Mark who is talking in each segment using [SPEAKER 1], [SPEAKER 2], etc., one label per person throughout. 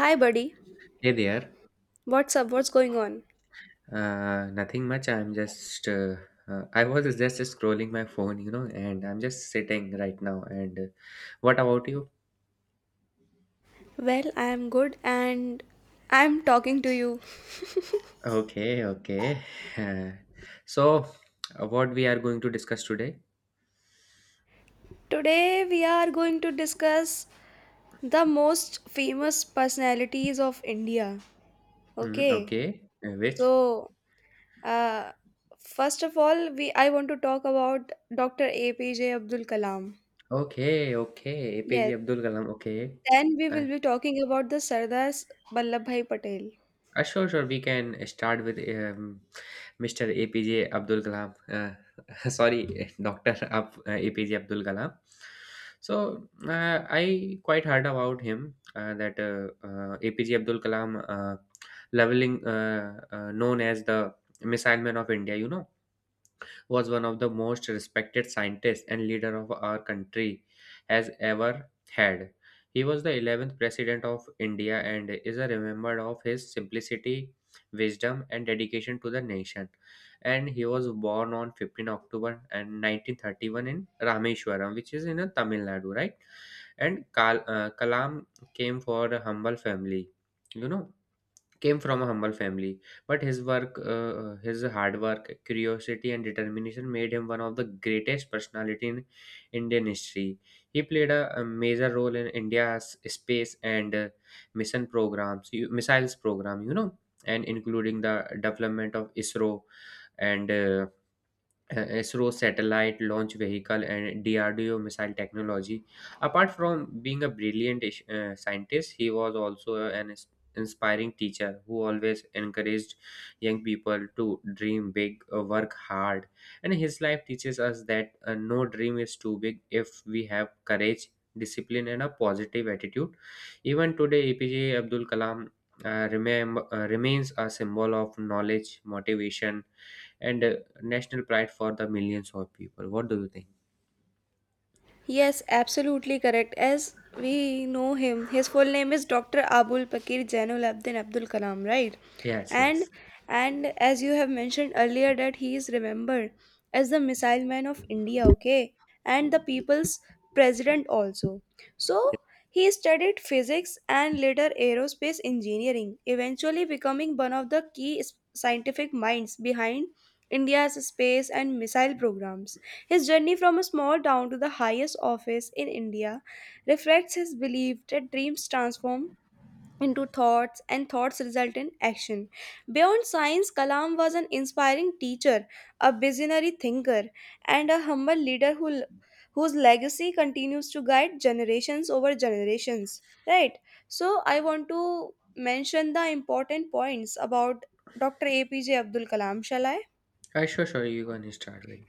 [SPEAKER 1] Hi, buddy.
[SPEAKER 2] Hey there.
[SPEAKER 1] What's up? What's going on?
[SPEAKER 2] Nothing much. I'm just, I was just scrolling my phone, you know, and I'm just sitting right now. And What about you?
[SPEAKER 1] Well, I am good and I'm talking to you.
[SPEAKER 2] Okay, okay. Uh, so, what we are going to discuss today?
[SPEAKER 1] Today, we are going to discuss the most famous personalities of India.
[SPEAKER 2] Mm,
[SPEAKER 1] Okay,
[SPEAKER 2] okay. Which?
[SPEAKER 1] So uh, first of all, we I want to talk about Dr. APJ Abdul Kalam.
[SPEAKER 2] Okay, okay.
[SPEAKER 1] Yes,
[SPEAKER 2] APJ Abdul Kalam. Okay.
[SPEAKER 1] then we will
[SPEAKER 2] I
[SPEAKER 1] be talking about the Sardar Vallabhbhai Patel.
[SPEAKER 2] Sure, sure. We can start with Mr. APJ Abdul Kalam. Sorry, APJ Abdul Kalam. I quite heard about him that APJ Abdul Kalam, leveling known as the missile man of India. You know was one of the most respected scientists and leader of our country has ever had. He was the 11th president of India and is remembered of his simplicity, wisdom, and dedication to the nation. And he was born on 15 October and 1931 in Rameshwaram, which is in Tamil Nadu, right? And Kalam came for a humble family, you know came from a humble family, but his hard work, curiosity, and determination made him one of the greatest personality in Indian history. He played a major role in India's space and mission programs, missiles program, you know, and including the development of ISRO and ISRO satellite launch vehicle and DRDO missile technology. Apart from being a brilliant scientist, he was also an ins- inspiring teacher who always encouraged young people to dream big, work hard. And his life teaches us that no dream is too big if we have courage, discipline, and a positive attitude. Even today, APJ Abdul Kalam remains a symbol of knowledge, motivation, and a national pride for the millions of people. What do you think?
[SPEAKER 1] Yes, absolutely correct. As we know him, his full name is Dr. Abul Pakir Zainul Abdin Abdul Kalam, right?
[SPEAKER 2] Yes,
[SPEAKER 1] And
[SPEAKER 2] yes.
[SPEAKER 1] and as you have mentioned earlier that he is remembered as the missile man of India, okay? And the people's president also. So he studied physics and later aerospace engineering, eventually becoming one of the scientific minds behind India's space and missile programs. His journey from a small town to the highest office in India reflects his belief that dreams transform into thoughts and thoughts result in action. Beyond science, Kalam was an inspiring teacher, a visionary thinker, and a humble leader whose legacy continues to guide generations over generations. Right? So, I want to mention the important points about Dr. APJ Abdul Kalam, shall I?
[SPEAKER 2] Sure, sure. You can start with.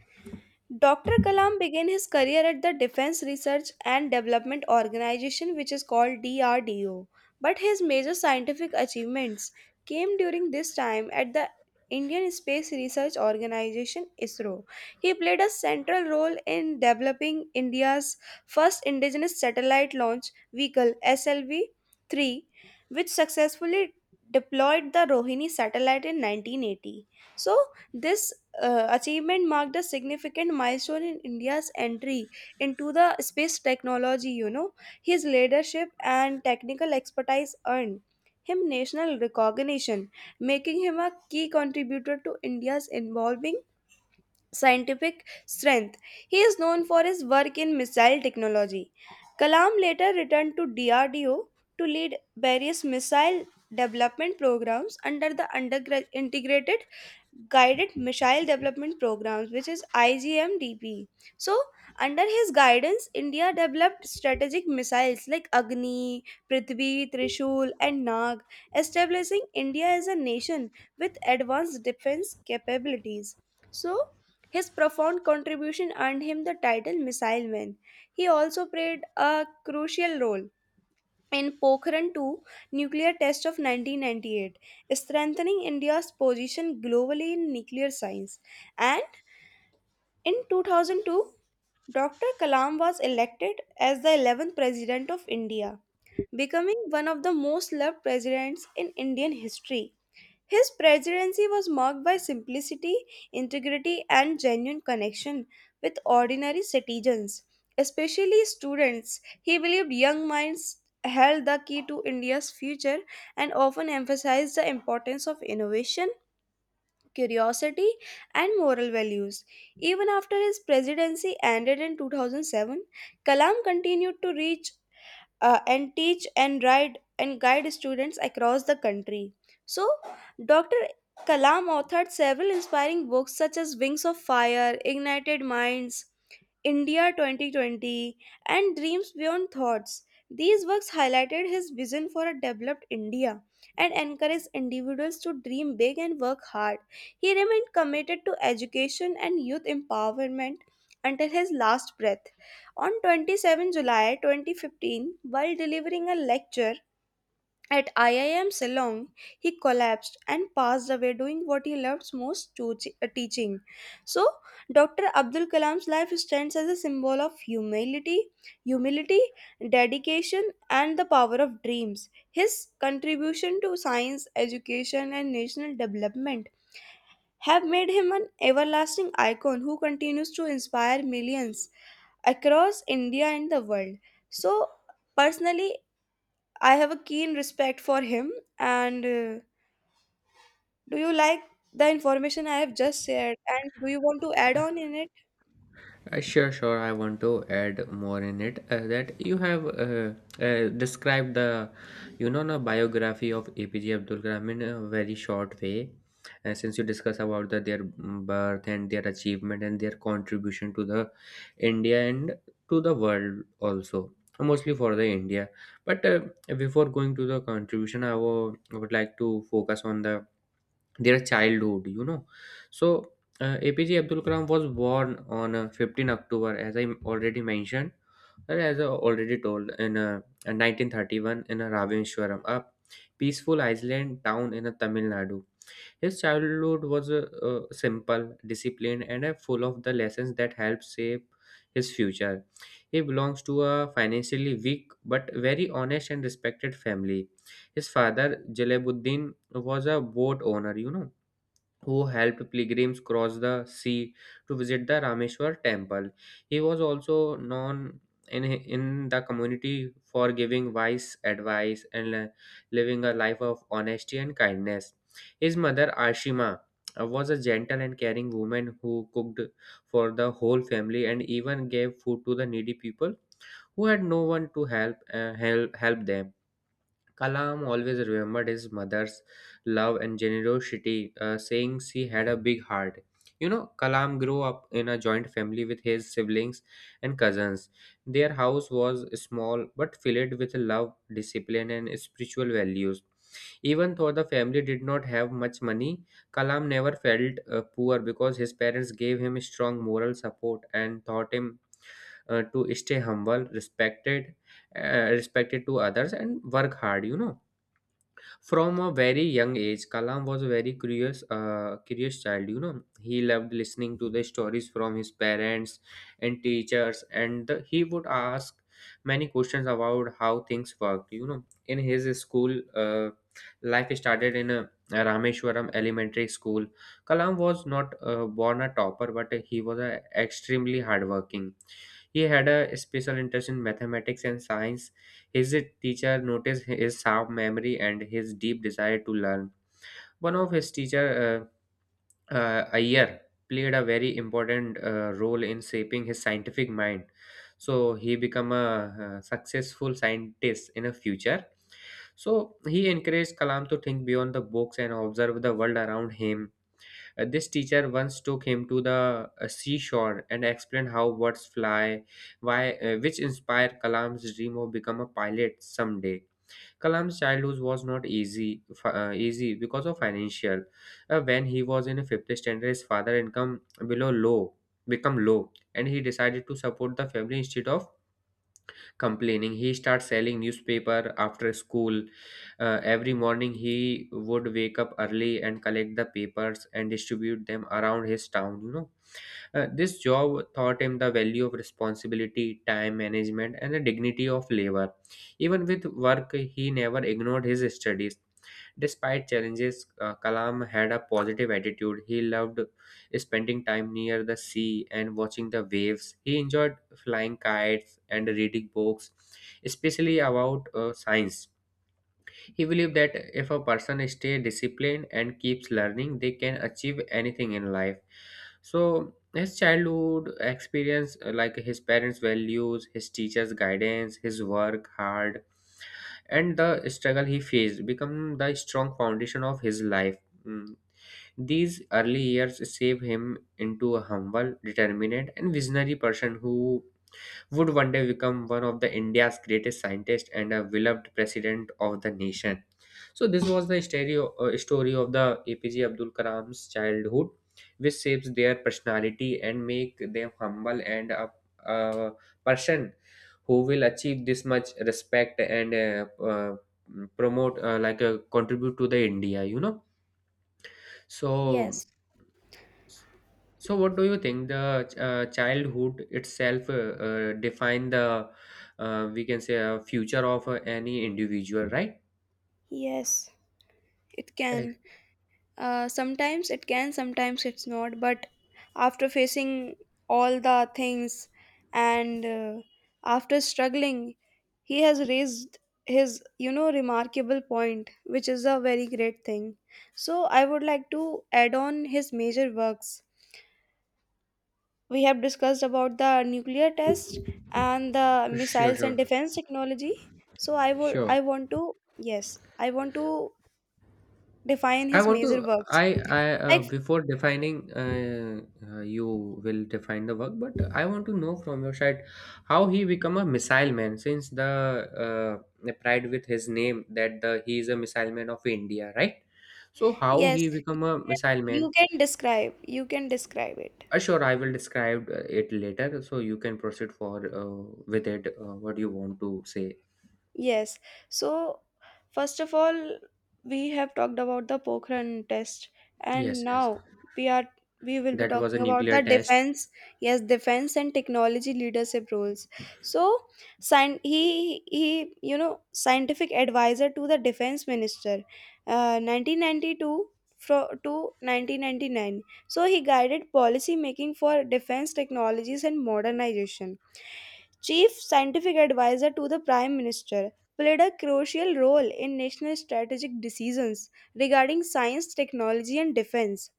[SPEAKER 1] Dr. Kalam began his career at the Defense Research and Development Organization, which is called DRDO, but his major scientific achievements came during this time at the Indian Space Research Organization ISRO. He played a central role in developing India's first indigenous satellite launch vehicle SLV 3, which successfully deployed the Rohini satellite in 1980. So, this achievement marked a significant milestone in India's entry into the space technology. You know, his leadership and technical expertise earned him national recognition, making him a key contributor to India's evolving scientific strength. He is known for his work in missile technology. Kalam later returned to DRDO to lead various missile development programs under the integrated guided missile development programs, which is IGMDP. So, under his guidance, India developed strategic missiles like Agni, Prithvi, Trishul, and Nag, establishing India as a nation with advanced defense capabilities. So, his profound contribution earned him the title missile man. He also played a crucial role in Pokhran 2 nuclear test of 1998, strengthening India's position globally in nuclear science. And in 2002, Dr. Kalam was elected as the 11th President of India, becoming one of the most loved presidents in Indian history. His presidency was marked by simplicity, integrity, and genuine connection with ordinary citizens, especially students. He believed young minds held the key to India's future and often emphasized the importance of innovation, curiosity, and moral values. Even after his presidency ended in 2007, Kalam continued to reach and teach and guide students across the country. So, Dr. Kalam authored several inspiring books such as Wings of Fire, Ignited Minds, India 2020, and Dreams Beyond Thoughts. These works highlighted his vision for a developed India and encouraged individuals to dream big and work hard. He remained committed to education and youth empowerment until his last breath. On 27 July 2015, while delivering a lecture at IIM Ceylon, he collapsed and passed away doing what he loved most to teaching. So, Dr. Abdul Kalam's life stands as a symbol of humility, dedication, and the power of dreams. His contribution to science, education, and national development have made him an everlasting icon who continues to inspire millions across India and the world. So, personally, I have a keen respect for him. And do you like the information I have just shared? And do you want to add on in it?
[SPEAKER 2] Sure, sure. I want to add more in it that you have described the biography of APJ Abdul Kalam in a very short way. Since you discuss about their birth and their achievement and their contribution to the India and to the world also, mostly for the India. But Before going to the contribution, I would like to focus on the their childhood, you know. so APJ Abdul Kalam was born on 15 October, as I already mentioned, and as I already told, in 1931 in a Ravenshwaram, a peaceful island town in Tamil Nadu. His childhood was simple, disciplined, and full of the lessons that helped shape his future. He belongs to a financially weak but very honest and respected family. His father Jalaluddin was a boat owner, you know, who helped pilgrims cross the sea to visit the Rameshwar temple. He was also known in the community for giving wise advice and living a life of honesty and kindness. His mother Ashima was a gentle and caring woman who cooked for the whole family and even gave food to the needy people who had no one to help them. Kalam always remembered his mother's love and generosity, saying she had a big heart. You know, Kalam grew up in a joint family with his siblings and cousins. Their house was small but filled with love, discipline, and spiritual values. Even though the family did not have much money, Kalam never felt poor because his parents gave him strong moral support and taught him to stay humble, respected to others, and work hard. You know, from a very young age Kalam was a very curious child, you know. He loved listening to the stories from his parents and teachers, and he would ask many questions about how things worked, you know. In his school, uh, life started in a Rameshwaram elementary school. Kalam was not born a topper, but he was a extremely hardworking. He had a special interest in mathematics and science. His teacher noticed his sharp memory and his deep desire to learn. One of his teacher, Iyer, played a very important role in shaping his scientific mind. So he became a successful scientist in the future. So he encouraged Kalam to think beyond the books and observe the world around him. This teacher once took him to the seashore and explained how birds fly, which inspired Kalam's dream of become a pilot someday. Kalam's childhood was not easy because of financial. When he was in fifth standard, his father income below low become low, and he decided to support the family instead of complaining. He started selling newspaper after school. Every morning, he would wake up early and collect the papers and distribute them around his town. You know, this job taught him the value of responsibility, time management, and the dignity of labor. Even with work, he never ignored his studies. Despite challenges, Kalam had a positive attitude. He loved spending time near the sea and watching the waves. He enjoyed flying kites and reading books, especially about science. He believed that if a person stays disciplined and keeps learning, they can achieve anything in life. So his childhood experience, like his parents' values, his teachers' guidance, his work hard, and the struggle he faced, become the strong foundation of his life. Mm. These early years shaped him into a humble, determined, and visionary person who would one day become one of the India's greatest scientists and a beloved president of the nation. So this was the story of the APJ Abdul Kalam's childhood, which shapes their personality and make them humble and a person who will achieve this much respect, and promote contribute to the India, you know. So
[SPEAKER 1] Yes.
[SPEAKER 2] so what do you think, the childhood itself define the, we can say, future of any individual, right?
[SPEAKER 1] Yes, it
[SPEAKER 2] Uh,
[SPEAKER 1] can. Sometimes it can, sometimes it's not. But after facing all the things and after struggling, he has raised his remarkable point, which is a very great thing. So I would like to add on his major works. We have discussed about the nuclear test and the
[SPEAKER 2] sure,
[SPEAKER 1] missiles and
[SPEAKER 2] sure,
[SPEAKER 1] defense technology. So
[SPEAKER 2] sure.
[SPEAKER 1] I want to, yes, I want to define
[SPEAKER 2] I
[SPEAKER 1] his
[SPEAKER 2] want to.
[SPEAKER 1] major works.
[SPEAKER 2] I
[SPEAKER 1] Like,
[SPEAKER 2] before defining you will define the work, but I want to know from your side how he become a missile man since the, the pride with his name that the he is a missile man of India, right? So how he
[SPEAKER 1] yes,
[SPEAKER 2] become a
[SPEAKER 1] can,
[SPEAKER 2] missile man?
[SPEAKER 1] you can describe it.
[SPEAKER 2] Sure, I will describe it later, so you can proceed for with it. What you want to say?
[SPEAKER 1] Yes. So, first of all, we have talked about the Pokhran test, and
[SPEAKER 2] Yes, yes.
[SPEAKER 1] now we are we will be
[SPEAKER 2] That was a
[SPEAKER 1] talking about
[SPEAKER 2] nuclear
[SPEAKER 1] the
[SPEAKER 2] test.
[SPEAKER 1] defense. Yes, defense and technology leadership roles. So, he scientific advisor to the defense minister, 1992 to 1999. So he guided policy making for defense technologies and modernization. Chief Scientific Advisor to the Prime Minister, played a crucial role in national strategic decisions regarding science, technology, and defense.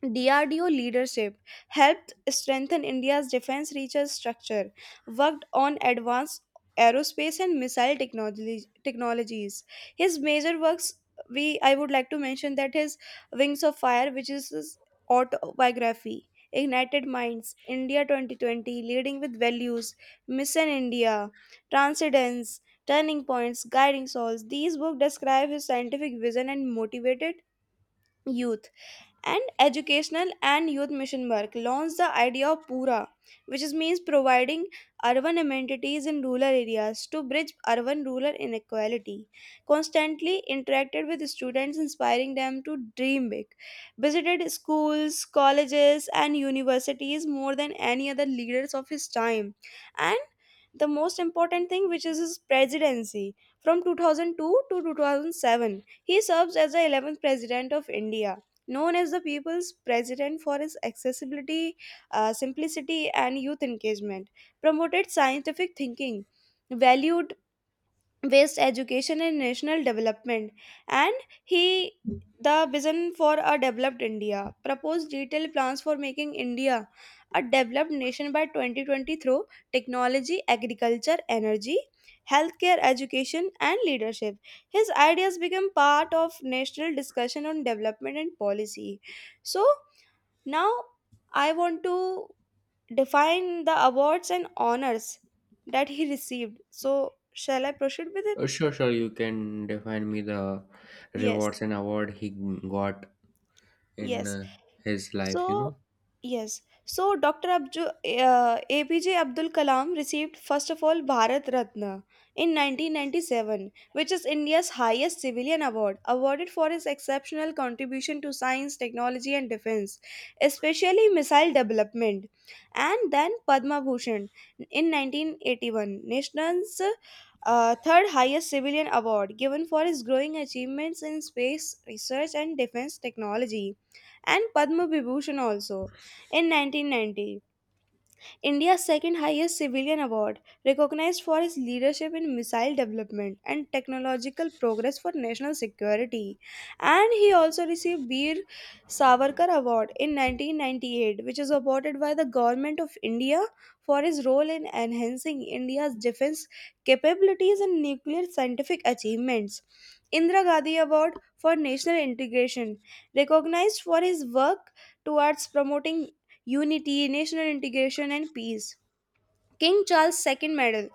[SPEAKER 1] DRDO leadership helped strengthen India's defense research structure, worked on advanced aerospace and missile technologies. His major works, we I would like to mention that his Wings of Fire, which is his autobiography, Ignited Minds, India 2020, Leading with Values, Mission India, Transcendence, Turning Points, Guiding Souls. These books describe his scientific vision and motivated youth and educational and youth mission work, launched the idea of PURA, which is means providing urban amenities in rural areas to bridge urban rural inequality, constantly interacted with students, inspiring them to dream big, visited schools, colleges, and universities more than any other leaders of his time. And the most important thing, which is his presidency, from 2002 to 2007, he serves as the 11th president of India, known as the people's president for his accessibility, simplicity, and youth engagement, promoted scientific thinking, valued waste education and national development. And he the vision for a developed India proposed detailed plans for making India a developed nation by 2020 through technology, agriculture, energy, healthcare, education, and leadership. His ideas become part of national discussion on development and policy. So, now I want to define the awards and honors that he received. So, shall I proceed with it?
[SPEAKER 2] Sure, sure. You can define me the
[SPEAKER 1] Yes,
[SPEAKER 2] rewards and award he got in
[SPEAKER 1] yes.
[SPEAKER 2] his life, you
[SPEAKER 1] So,
[SPEAKER 2] know.
[SPEAKER 1] yes. So, Dr. APJ Abdul Kalam received first of all Bharat Ratna in 1997, which is India's highest civilian award, awarded for his exceptional contribution to science, technology, and defense, especially missile development. And then Padma Bhushan in 1981, nation's third highest civilian award given for his growing achievements in space research and defense technology. And Padma Vibhushan also in 1990, India's second highest civilian award, recognized for his leadership in missile development and technological progress for national security. And he also received Bir Savarkar Award in 1998, which is awarded by the Government of India for his role in enhancing India's defense capabilities and nuclear scientific achievements. Indira Gandhi Award for National Integration, recognized for his work towards promoting unity, national integration, and peace. King Charles II Medal,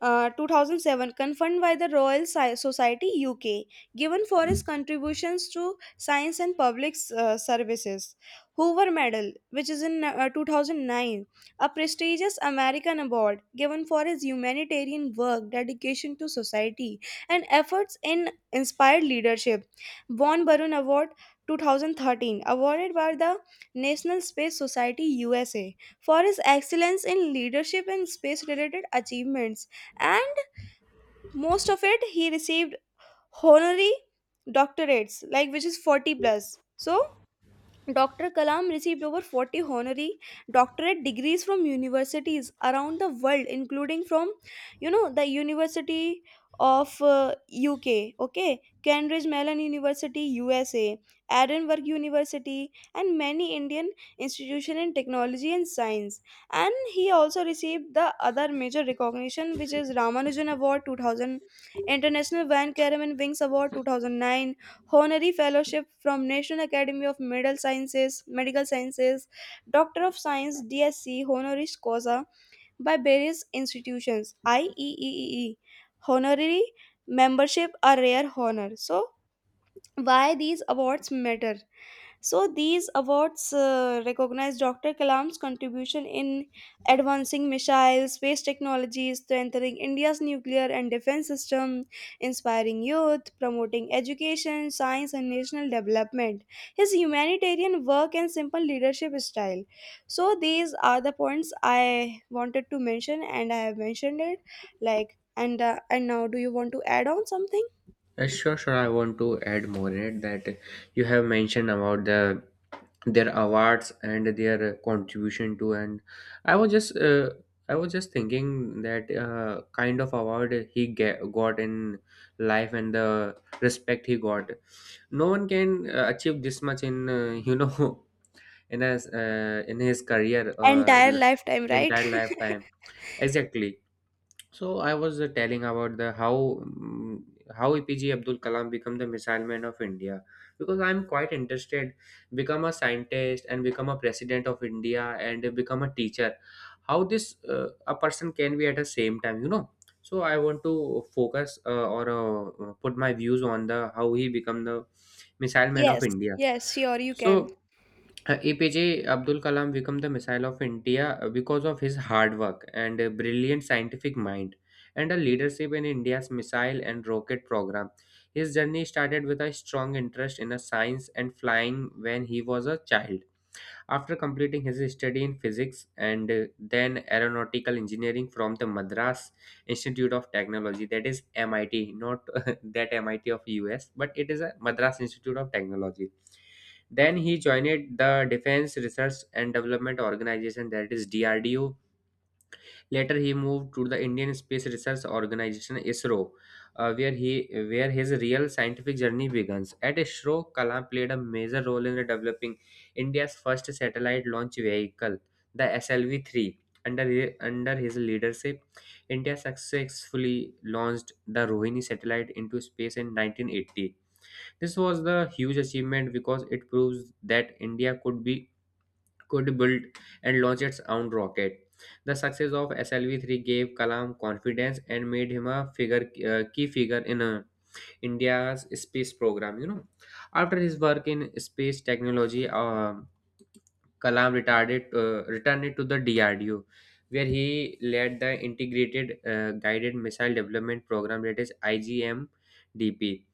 [SPEAKER 1] 2007, conferred by the Royal Society UK, given for his contributions to science and public services. Hoover Medal, which is in 2009, a prestigious American award given for his humanitarian work, dedication to society, and efforts in inspired leadership. Von Barun Award, 2013, awarded by the National Space Society USA for his excellence in leadership and space related achievements. And most of it, he received honorary doctorates, like, which is 40 plus. So, Dr. Kalam received over 40 honorary doctorate degrees from universities around the world, including from the University of UK, okay, Cambridge Mellon University, USA, Edinburgh University, and many Indian institutions in technology and science. And he also received the other major recognition, which is Ramanujan Award 2000, International Van Karaman Wings Award 2009, honorary fellowship from National Academy of Medical Sciences, Doctor of Science (DSc) honoris causa by various institutions (IEEE). Honorary membership a rare honor. So why these awards matter? So these awards recognize Dr. Kalam's contribution in advancing missile space technology, strengthening India's nuclear and defense system, inspiring youth, promoting education, science, and national development. His humanitarian work and simple leadership style. So these are the points I wanted to mention, and I have mentioned it. Like, and now, do you want to add on something?
[SPEAKER 2] Sure, sure. I want to add more in it that you have mentioned about the their awards and their contribution to, and I was just uh, I was just thinking that kind of award he got in life and the respect he got. No one can achieve this much in you know in his career
[SPEAKER 1] Entire lifetime, right?
[SPEAKER 2] entire lifetime, exactly. So I was telling about the how, mm, how EPJ Abdul Kalam become the missile man of India, because I'm quite interested become a scientist and become a president of India and become a teacher. How this, a person can be at the same time, you know. So I want to focus, or put my views on the how he become the missile man of
[SPEAKER 1] Yes,
[SPEAKER 2] India.
[SPEAKER 1] yes, sure, you
[SPEAKER 2] so
[SPEAKER 1] can.
[SPEAKER 2] APJ Abdul Kalam became the missile of India because of his hard work and a brilliant scientific mind and a leadership in India's missile and rocket program. His journey started with a strong interest in a science and flying when he was a child. After completing his study in physics and then aeronautical engineering from the Madras Institute of Technology, that is MIT, not that MIT of US, but it is a Madras Institute of Technology. Then he joined the Defense Research and Development Organization, that is DRDO. Later, he moved to the Indian Space Research Organization (ISRO), where his real scientific journey begins. At ISRO, Kalam played a major role in developing India's first satellite launch vehicle, the SLV-3. Under his leadership, India successfully launched the Rohini satellite into space in 1980. This was the huge achievement because it proves that India could build and launch its own rocket. The success of SLV-3 gave Kalam confidence and made him a figure key figure in India's space program. You know, after his work in space technology, Kalam returned it to the DRDO, where he led the Integrated Guided Missile Development Program, that is IGMDP.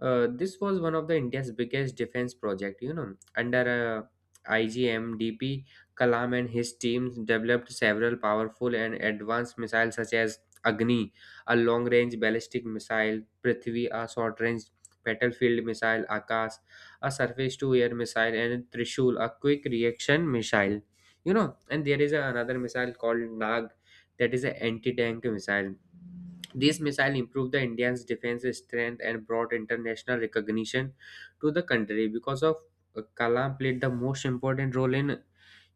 [SPEAKER 2] This was one of the India's biggest defense project. You know, under IGMDP, Kalam and his teams developed several powerful and advanced missiles such as Agni, a long-range ballistic missile, Prithvi, a short-range battlefield missile, Akash, a surface to air missile, and Trishul, a quick reaction missile. You know, and there is another missile called Nag that is an anti tank missile. This missile improved the Indian's defense strength and brought international recognition to the country because of Kalam played the most important role in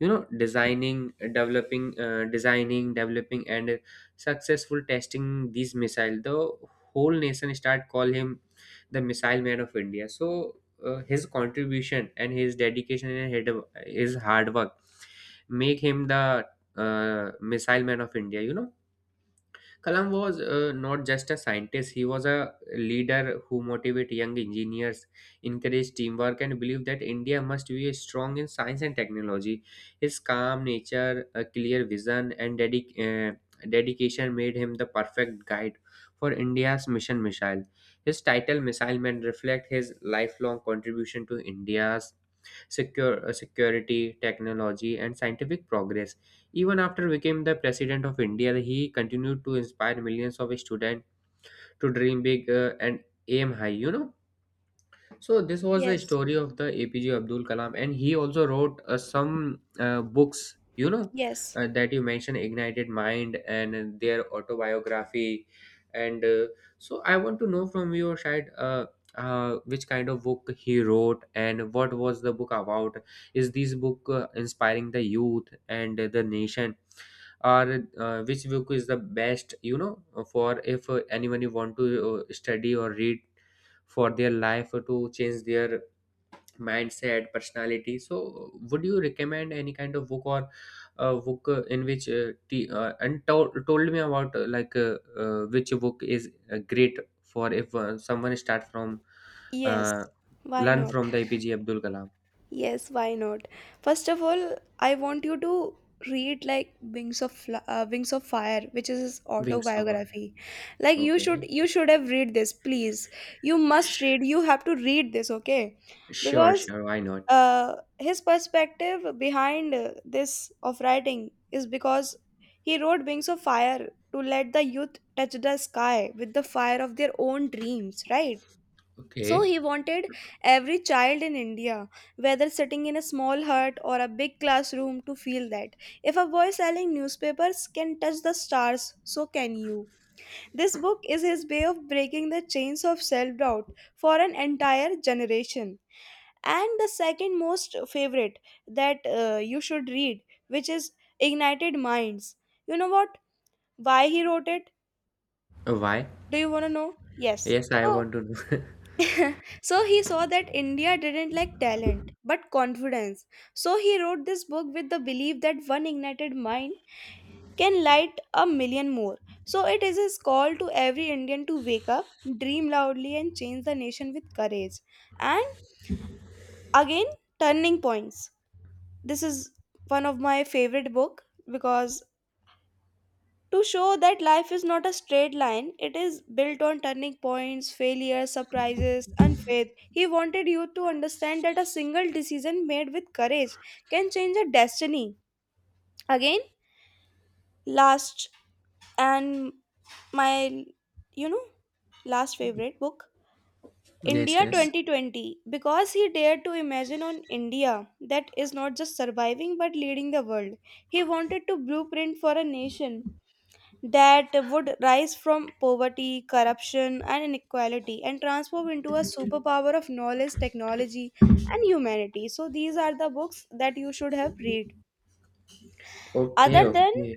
[SPEAKER 2] designing developing and successful testing these missile. The whole nation start call him the missile man of India. So his contribution and his dedication and his hard work make him the missile man of India, you know. Kalam was not just a scientist, he was a leader who motivated young engineers, encouraged teamwork, and believed that India must be strong in science and technology. His calm nature, a clear vision, and dedication made him the perfect guide for India's mission missile. His title, Missile Man, reflects his lifelong contribution to India's security, technology, and scientific progress. Even after became the president of India, he continued to inspire millions of students to dream big and aim high. You know, so this was the
[SPEAKER 1] Yes,
[SPEAKER 2] story of the APJ Abdul Kalam, and he also wrote some books. You know,
[SPEAKER 1] yes,
[SPEAKER 2] that you mentioned, Ignited Mind, and their autobiography. And So I want to know from your side, which kind of book he wrote, and what was the book about? Is this book inspiring the youth and the nation? Or which book is the best, you know, for if anyone you want to study or read for their life to change their mindset personality? So would you recommend any kind of book, or book in which t- and told me about which book is great for if someone start from
[SPEAKER 1] yes.
[SPEAKER 2] uh,
[SPEAKER 1] Why
[SPEAKER 2] learn
[SPEAKER 1] not?
[SPEAKER 2] from the APJ Abdul Kalam.
[SPEAKER 1] Yes, why not? First of all, I want you to read like Wings of Fire, which is his
[SPEAKER 2] Wings of Fire.
[SPEAKER 1] autobiography. Like
[SPEAKER 2] Okay.
[SPEAKER 1] you should have read this, please. You must
[SPEAKER 2] Sh-
[SPEAKER 1] read. You have to read this, okay?
[SPEAKER 2] sure,
[SPEAKER 1] Because
[SPEAKER 2] sure, why not.
[SPEAKER 1] his perspective behind this of writing is because he wrote Wings of Fire to let the youth touch the sky with the fire of their own dreams, right? So
[SPEAKER 2] Okay.
[SPEAKER 1] he wanted every child in India, whether sitting in a small hut or a big classroom, to feel that. If a boy selling newspapers can touch the stars, so can you. This book is his way of breaking the chains of self doubt for an entire generation, and the second most favorite that you should read, which is ignited minds. You know what why he wrote it?
[SPEAKER 2] Why.
[SPEAKER 1] Do you want to know? Yes.
[SPEAKER 2] Yes, I
[SPEAKER 1] so
[SPEAKER 2] want to know.
[SPEAKER 1] so he saw that India didn't lack talent but confidence, so he wrote this book with the belief that one ignited mind can light a million more. So it is his call to every Indian to wake up, dream loudly, and change the nation with courage. And again, turning points. This is one of my favorite book, because to show that life is not a straight line, it is built on turning points, failures, surprises, and faith. He wanted you to understand that a single decision made with courage can change a destiny. Again, last and my you know last favorite book,
[SPEAKER 2] Yes,
[SPEAKER 1] India
[SPEAKER 2] yes.
[SPEAKER 1] 2020, because he dared to imagine on India that is not just surviving but leading the world. He wanted to blueprint for a nation that would rise from poverty, corruption, and inequality and transform into a superpower of knowledge, technology, and humanity. So these are the books that you should have read.
[SPEAKER 2] Okay,
[SPEAKER 1] Other than
[SPEAKER 2] okay.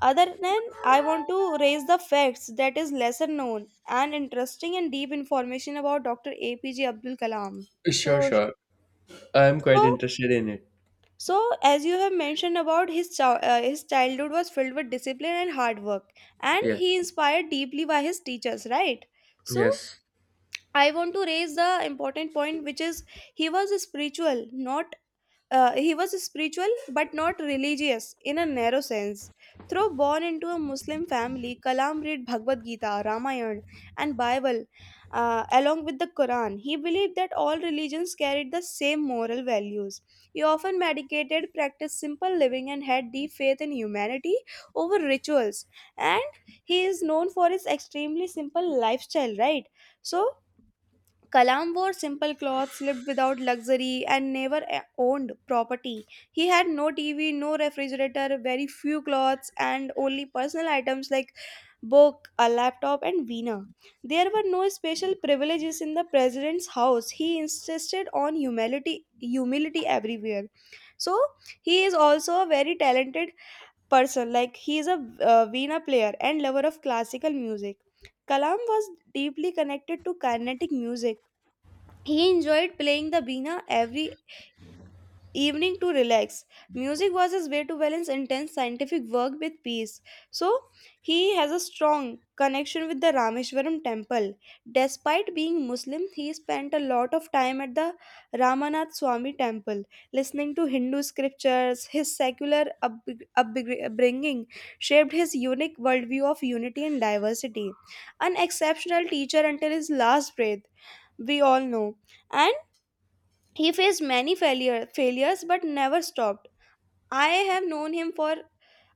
[SPEAKER 1] other than I want to raise the facts that is lesser known and interesting and deep information about Dr. APJ Abdul Kalam.
[SPEAKER 2] Sure,
[SPEAKER 1] So
[SPEAKER 2] sure. I'm quite
[SPEAKER 1] So,
[SPEAKER 2] interested in it.
[SPEAKER 1] so as you have mentioned about his childhood was filled with discipline and hard work, and
[SPEAKER 2] Yeah,
[SPEAKER 1] he inspired deeply by his teachers, right? So,
[SPEAKER 2] yes,
[SPEAKER 1] I want to raise the important point, which is he was spiritual, not he was spiritual but not religious in a narrow sense. Though born into a Muslim family, Kalam read Bhagavad Gita, Ramayana, and Bible along with the Quran. He believed that all religions carried the same moral values. He often meditated, practiced simple living, and had deep faith in humanity over rituals. And he is known for his extremely simple lifestyle, right? So, Kalam wore simple clothes, lived without luxury, and never a- owned property. He had no TV, no refrigerator, very few clothes, and only personal items like book, a laptop, and veena. There were no special privileges in the president's house. He insisted on humility everywhere. So he is also a very talented person. Like he is a veena player and lover of classical music. Kalam was deeply connected to Carnatic music. He enjoyed playing the Veena every evening to relax. Music was his way to balance intense scientific work with peace. So, he has a strong connection with the Rameshwaram temple. Despite being Muslim, he spent a lot of time at the Ramanath Swami temple, listening to Hindu scriptures. His upbringing shaped his unique worldview of unity and diversity. An exceptional teacher until his last breath, we all know. And he faced failures but never stopped. I have known him for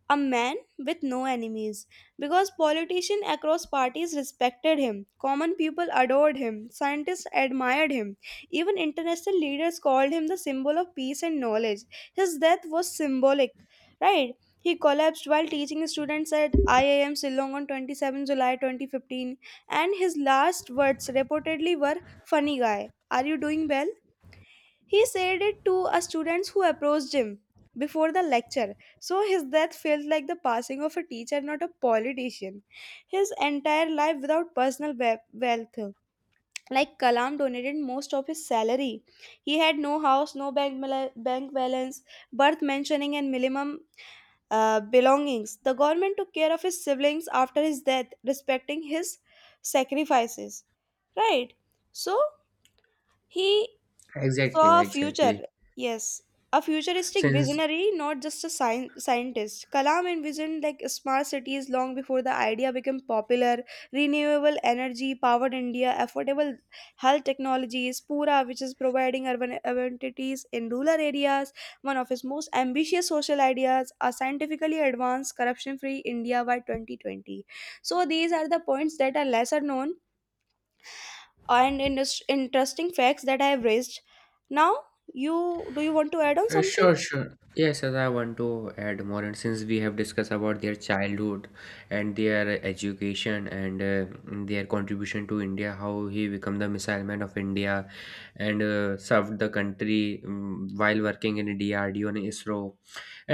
[SPEAKER 1] a man with no enemies, because politicians across parties respected him, common people adored him, scientists admired him, even international leaders called him the symbol of peace and knowledge. His death was symbolic, right? He collapsed while teaching students at IIM Shillong on 27 July 2015, and his last words reportedly were, "Funny guy, are you doing well?" He said it to a student who approached him before the lecture, so his death felt like the passing of a teacher, not a politician. His entire life without wealth. Like Kalam donated most of his salary. He had no house, no bank balance, birth mentioning, and minimum belongings. The government took care of his siblings after his death, respecting his sacrifices. Right? So, he so
[SPEAKER 2] exactly,
[SPEAKER 1] a future
[SPEAKER 2] exactly.
[SPEAKER 1] yes a futuristic
[SPEAKER 2] Since
[SPEAKER 1] visionary, not just a scientist. Kalam envisioned like smart cities long before the idea became popular, renewable energy powered India, affordable health technologies, pura, which is providing urban amenities in rural areas, one of his most ambitious social ideas, a scientifically advanced corruption free India by 2020. So these are the points that are lesser known and interesting facts that I have raised. Now, you do you want to add on something?
[SPEAKER 2] sure, sure. Yes, as I want to add more, and since we have discussed about their childhood and their education and their contribution to India, how he became the missile man of India and served the country, while working in DRDO and ISRO.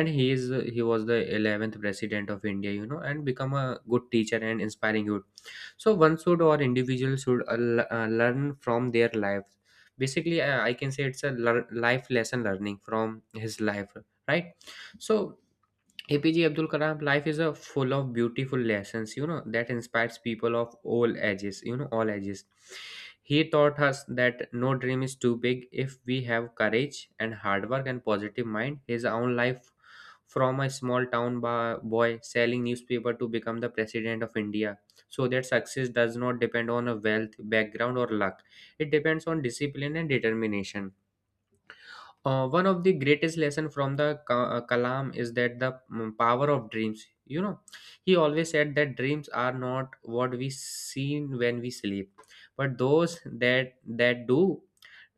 [SPEAKER 2] And he was the 11th president of India, you know, and become a good teacher and inspiring youth. So one should or individual should learn from their lives. Basically, I can say it's a life lesson learning from his life, right? So APJ Abdul Kalam life is a full of beautiful lessons, you know, that inspires people of all ages, you know, all ages. He taught us that no dream is too big if we have courage and hard work and positive mind. His own life from a small town boy selling newspaper to become the president of India. So that success does not depend on a wealth, background or luck. It depends on discipline and determination. One of the greatest lesson from the Kalam is that the power of dreams. You know, he always said that dreams are not what we seen when we sleep, but those that do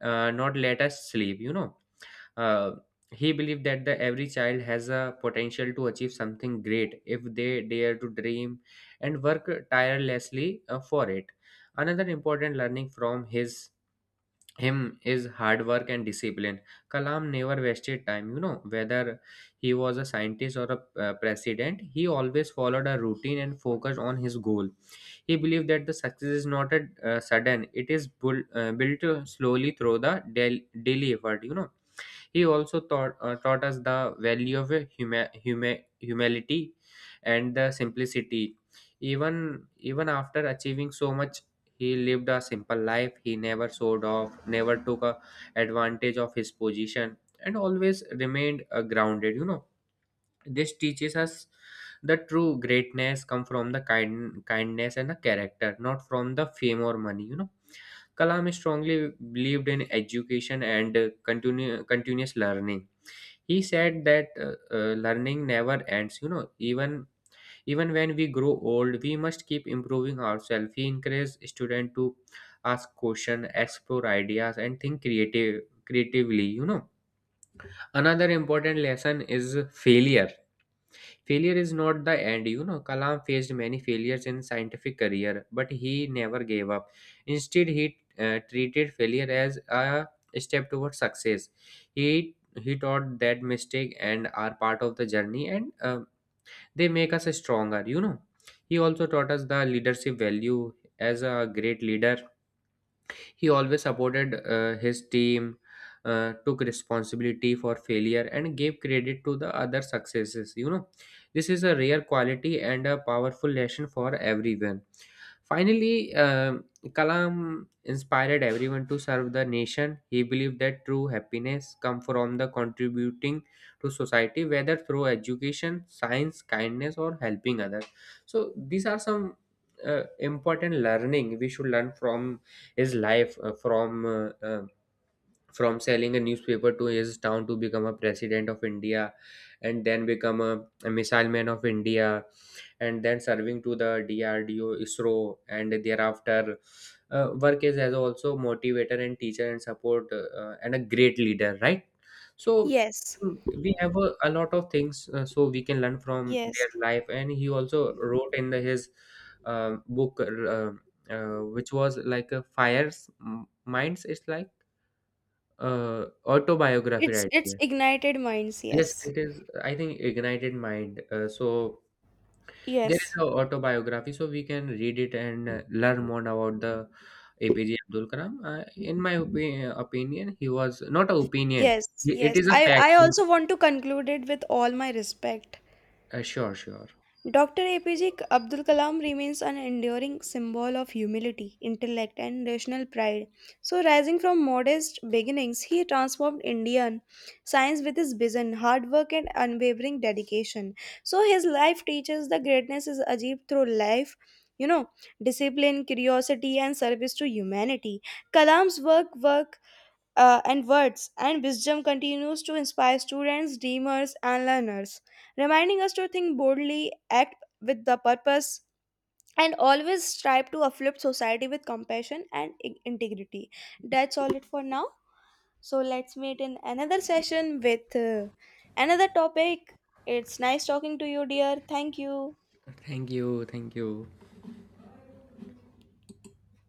[SPEAKER 2] not let us sleep. You know, uh, he believed that the every child has a potential to achieve something great if they dare to dream and work tirelessly for it. Another important learning from his him is hard work and discipline. Kalam never wasted time, you know, whether he was a scientist or a president. He always followed a routine and focused on his goal. He believed that the success is not a sudden, it is built slowly through the daily effort, you know. He also taught us the value of a humility and the simplicity. Even after achieving so much, he lived a simple life. He never showed off, never took a advantage of his position, and always remained grounded. You know, this teaches us the true greatness come from the kindness and the character, not from the fame or money, you know. Kalam strongly believed in education and continuous learning. He said that learning never ends, you know. Even when we grow old we must keep improving ourselves. He encouraged students to ask questions, explore ideas, and think creatively, you know. Another important lesson is failure. Failure is not the end, you know. Kalam faced many failures in scientific career, but he never gave up. Instead, he treated failure as a step towards success. He taught that mistake and are part of the journey, and they make us stronger. You know, he also taught us the leadership value. As a great leader, he always supported his team, took responsibility for failure, and gave credit to the other successes. You know, this is a rare quality and a powerful lesson for everyone. Finally, Kalam inspired everyone to serve the nation. He believed that true happiness comes from the contributing to society, whether through education, science, kindness, or helping others. So these are some uh, important learning we should learn from his life, from selling a newspaper to his town to become a president of India, and then become a missile man of India, and then serving to the DRDO, ISRO, and thereafter work is as also motivator and teacher and support and a great leader, right? So,
[SPEAKER 1] Yes.
[SPEAKER 2] we have a lot of things, so we can learn from
[SPEAKER 1] Yes.
[SPEAKER 2] their life, and he also wrote in the, his book, which was like a fires minds. It's like autobiography
[SPEAKER 1] It's
[SPEAKER 2] right
[SPEAKER 1] it's
[SPEAKER 2] there.
[SPEAKER 1] ignited minds.
[SPEAKER 2] Yes,
[SPEAKER 1] Yes.
[SPEAKER 2] it is. I think ignited mind. So there is
[SPEAKER 1] Yes.
[SPEAKER 2] no autobiography, so we can read it and learn more about the APJ Abdul Kalam. In my opinion, he was not an opinion.
[SPEAKER 1] Yes.
[SPEAKER 2] It
[SPEAKER 1] Yes.
[SPEAKER 2] is a
[SPEAKER 1] I
[SPEAKER 2] fact.
[SPEAKER 1] I also want to conclude it with all my respect.
[SPEAKER 2] Sure, sure.
[SPEAKER 1] Dr. APJ Abdul Kalam remains an enduring symbol of humility, intellect, and national pride. So, rising from modest beginnings, he transformed Indian science with his vision, hard work, and unwavering dedication. So, his life teaches that greatness is achieved through life. You know, discipline, curiosity, and service to humanity. Kalam's work work and words and wisdom continues to inspire students, dreamers, and learners, reminding us to think boldly, act with the purpose, and always strive to uplift society with compassion and integrity. That's all it for now. So let's meet in another session with another topic. It's nice talking to you, dear. Thank you.
[SPEAKER 2] Thank you. Thank you.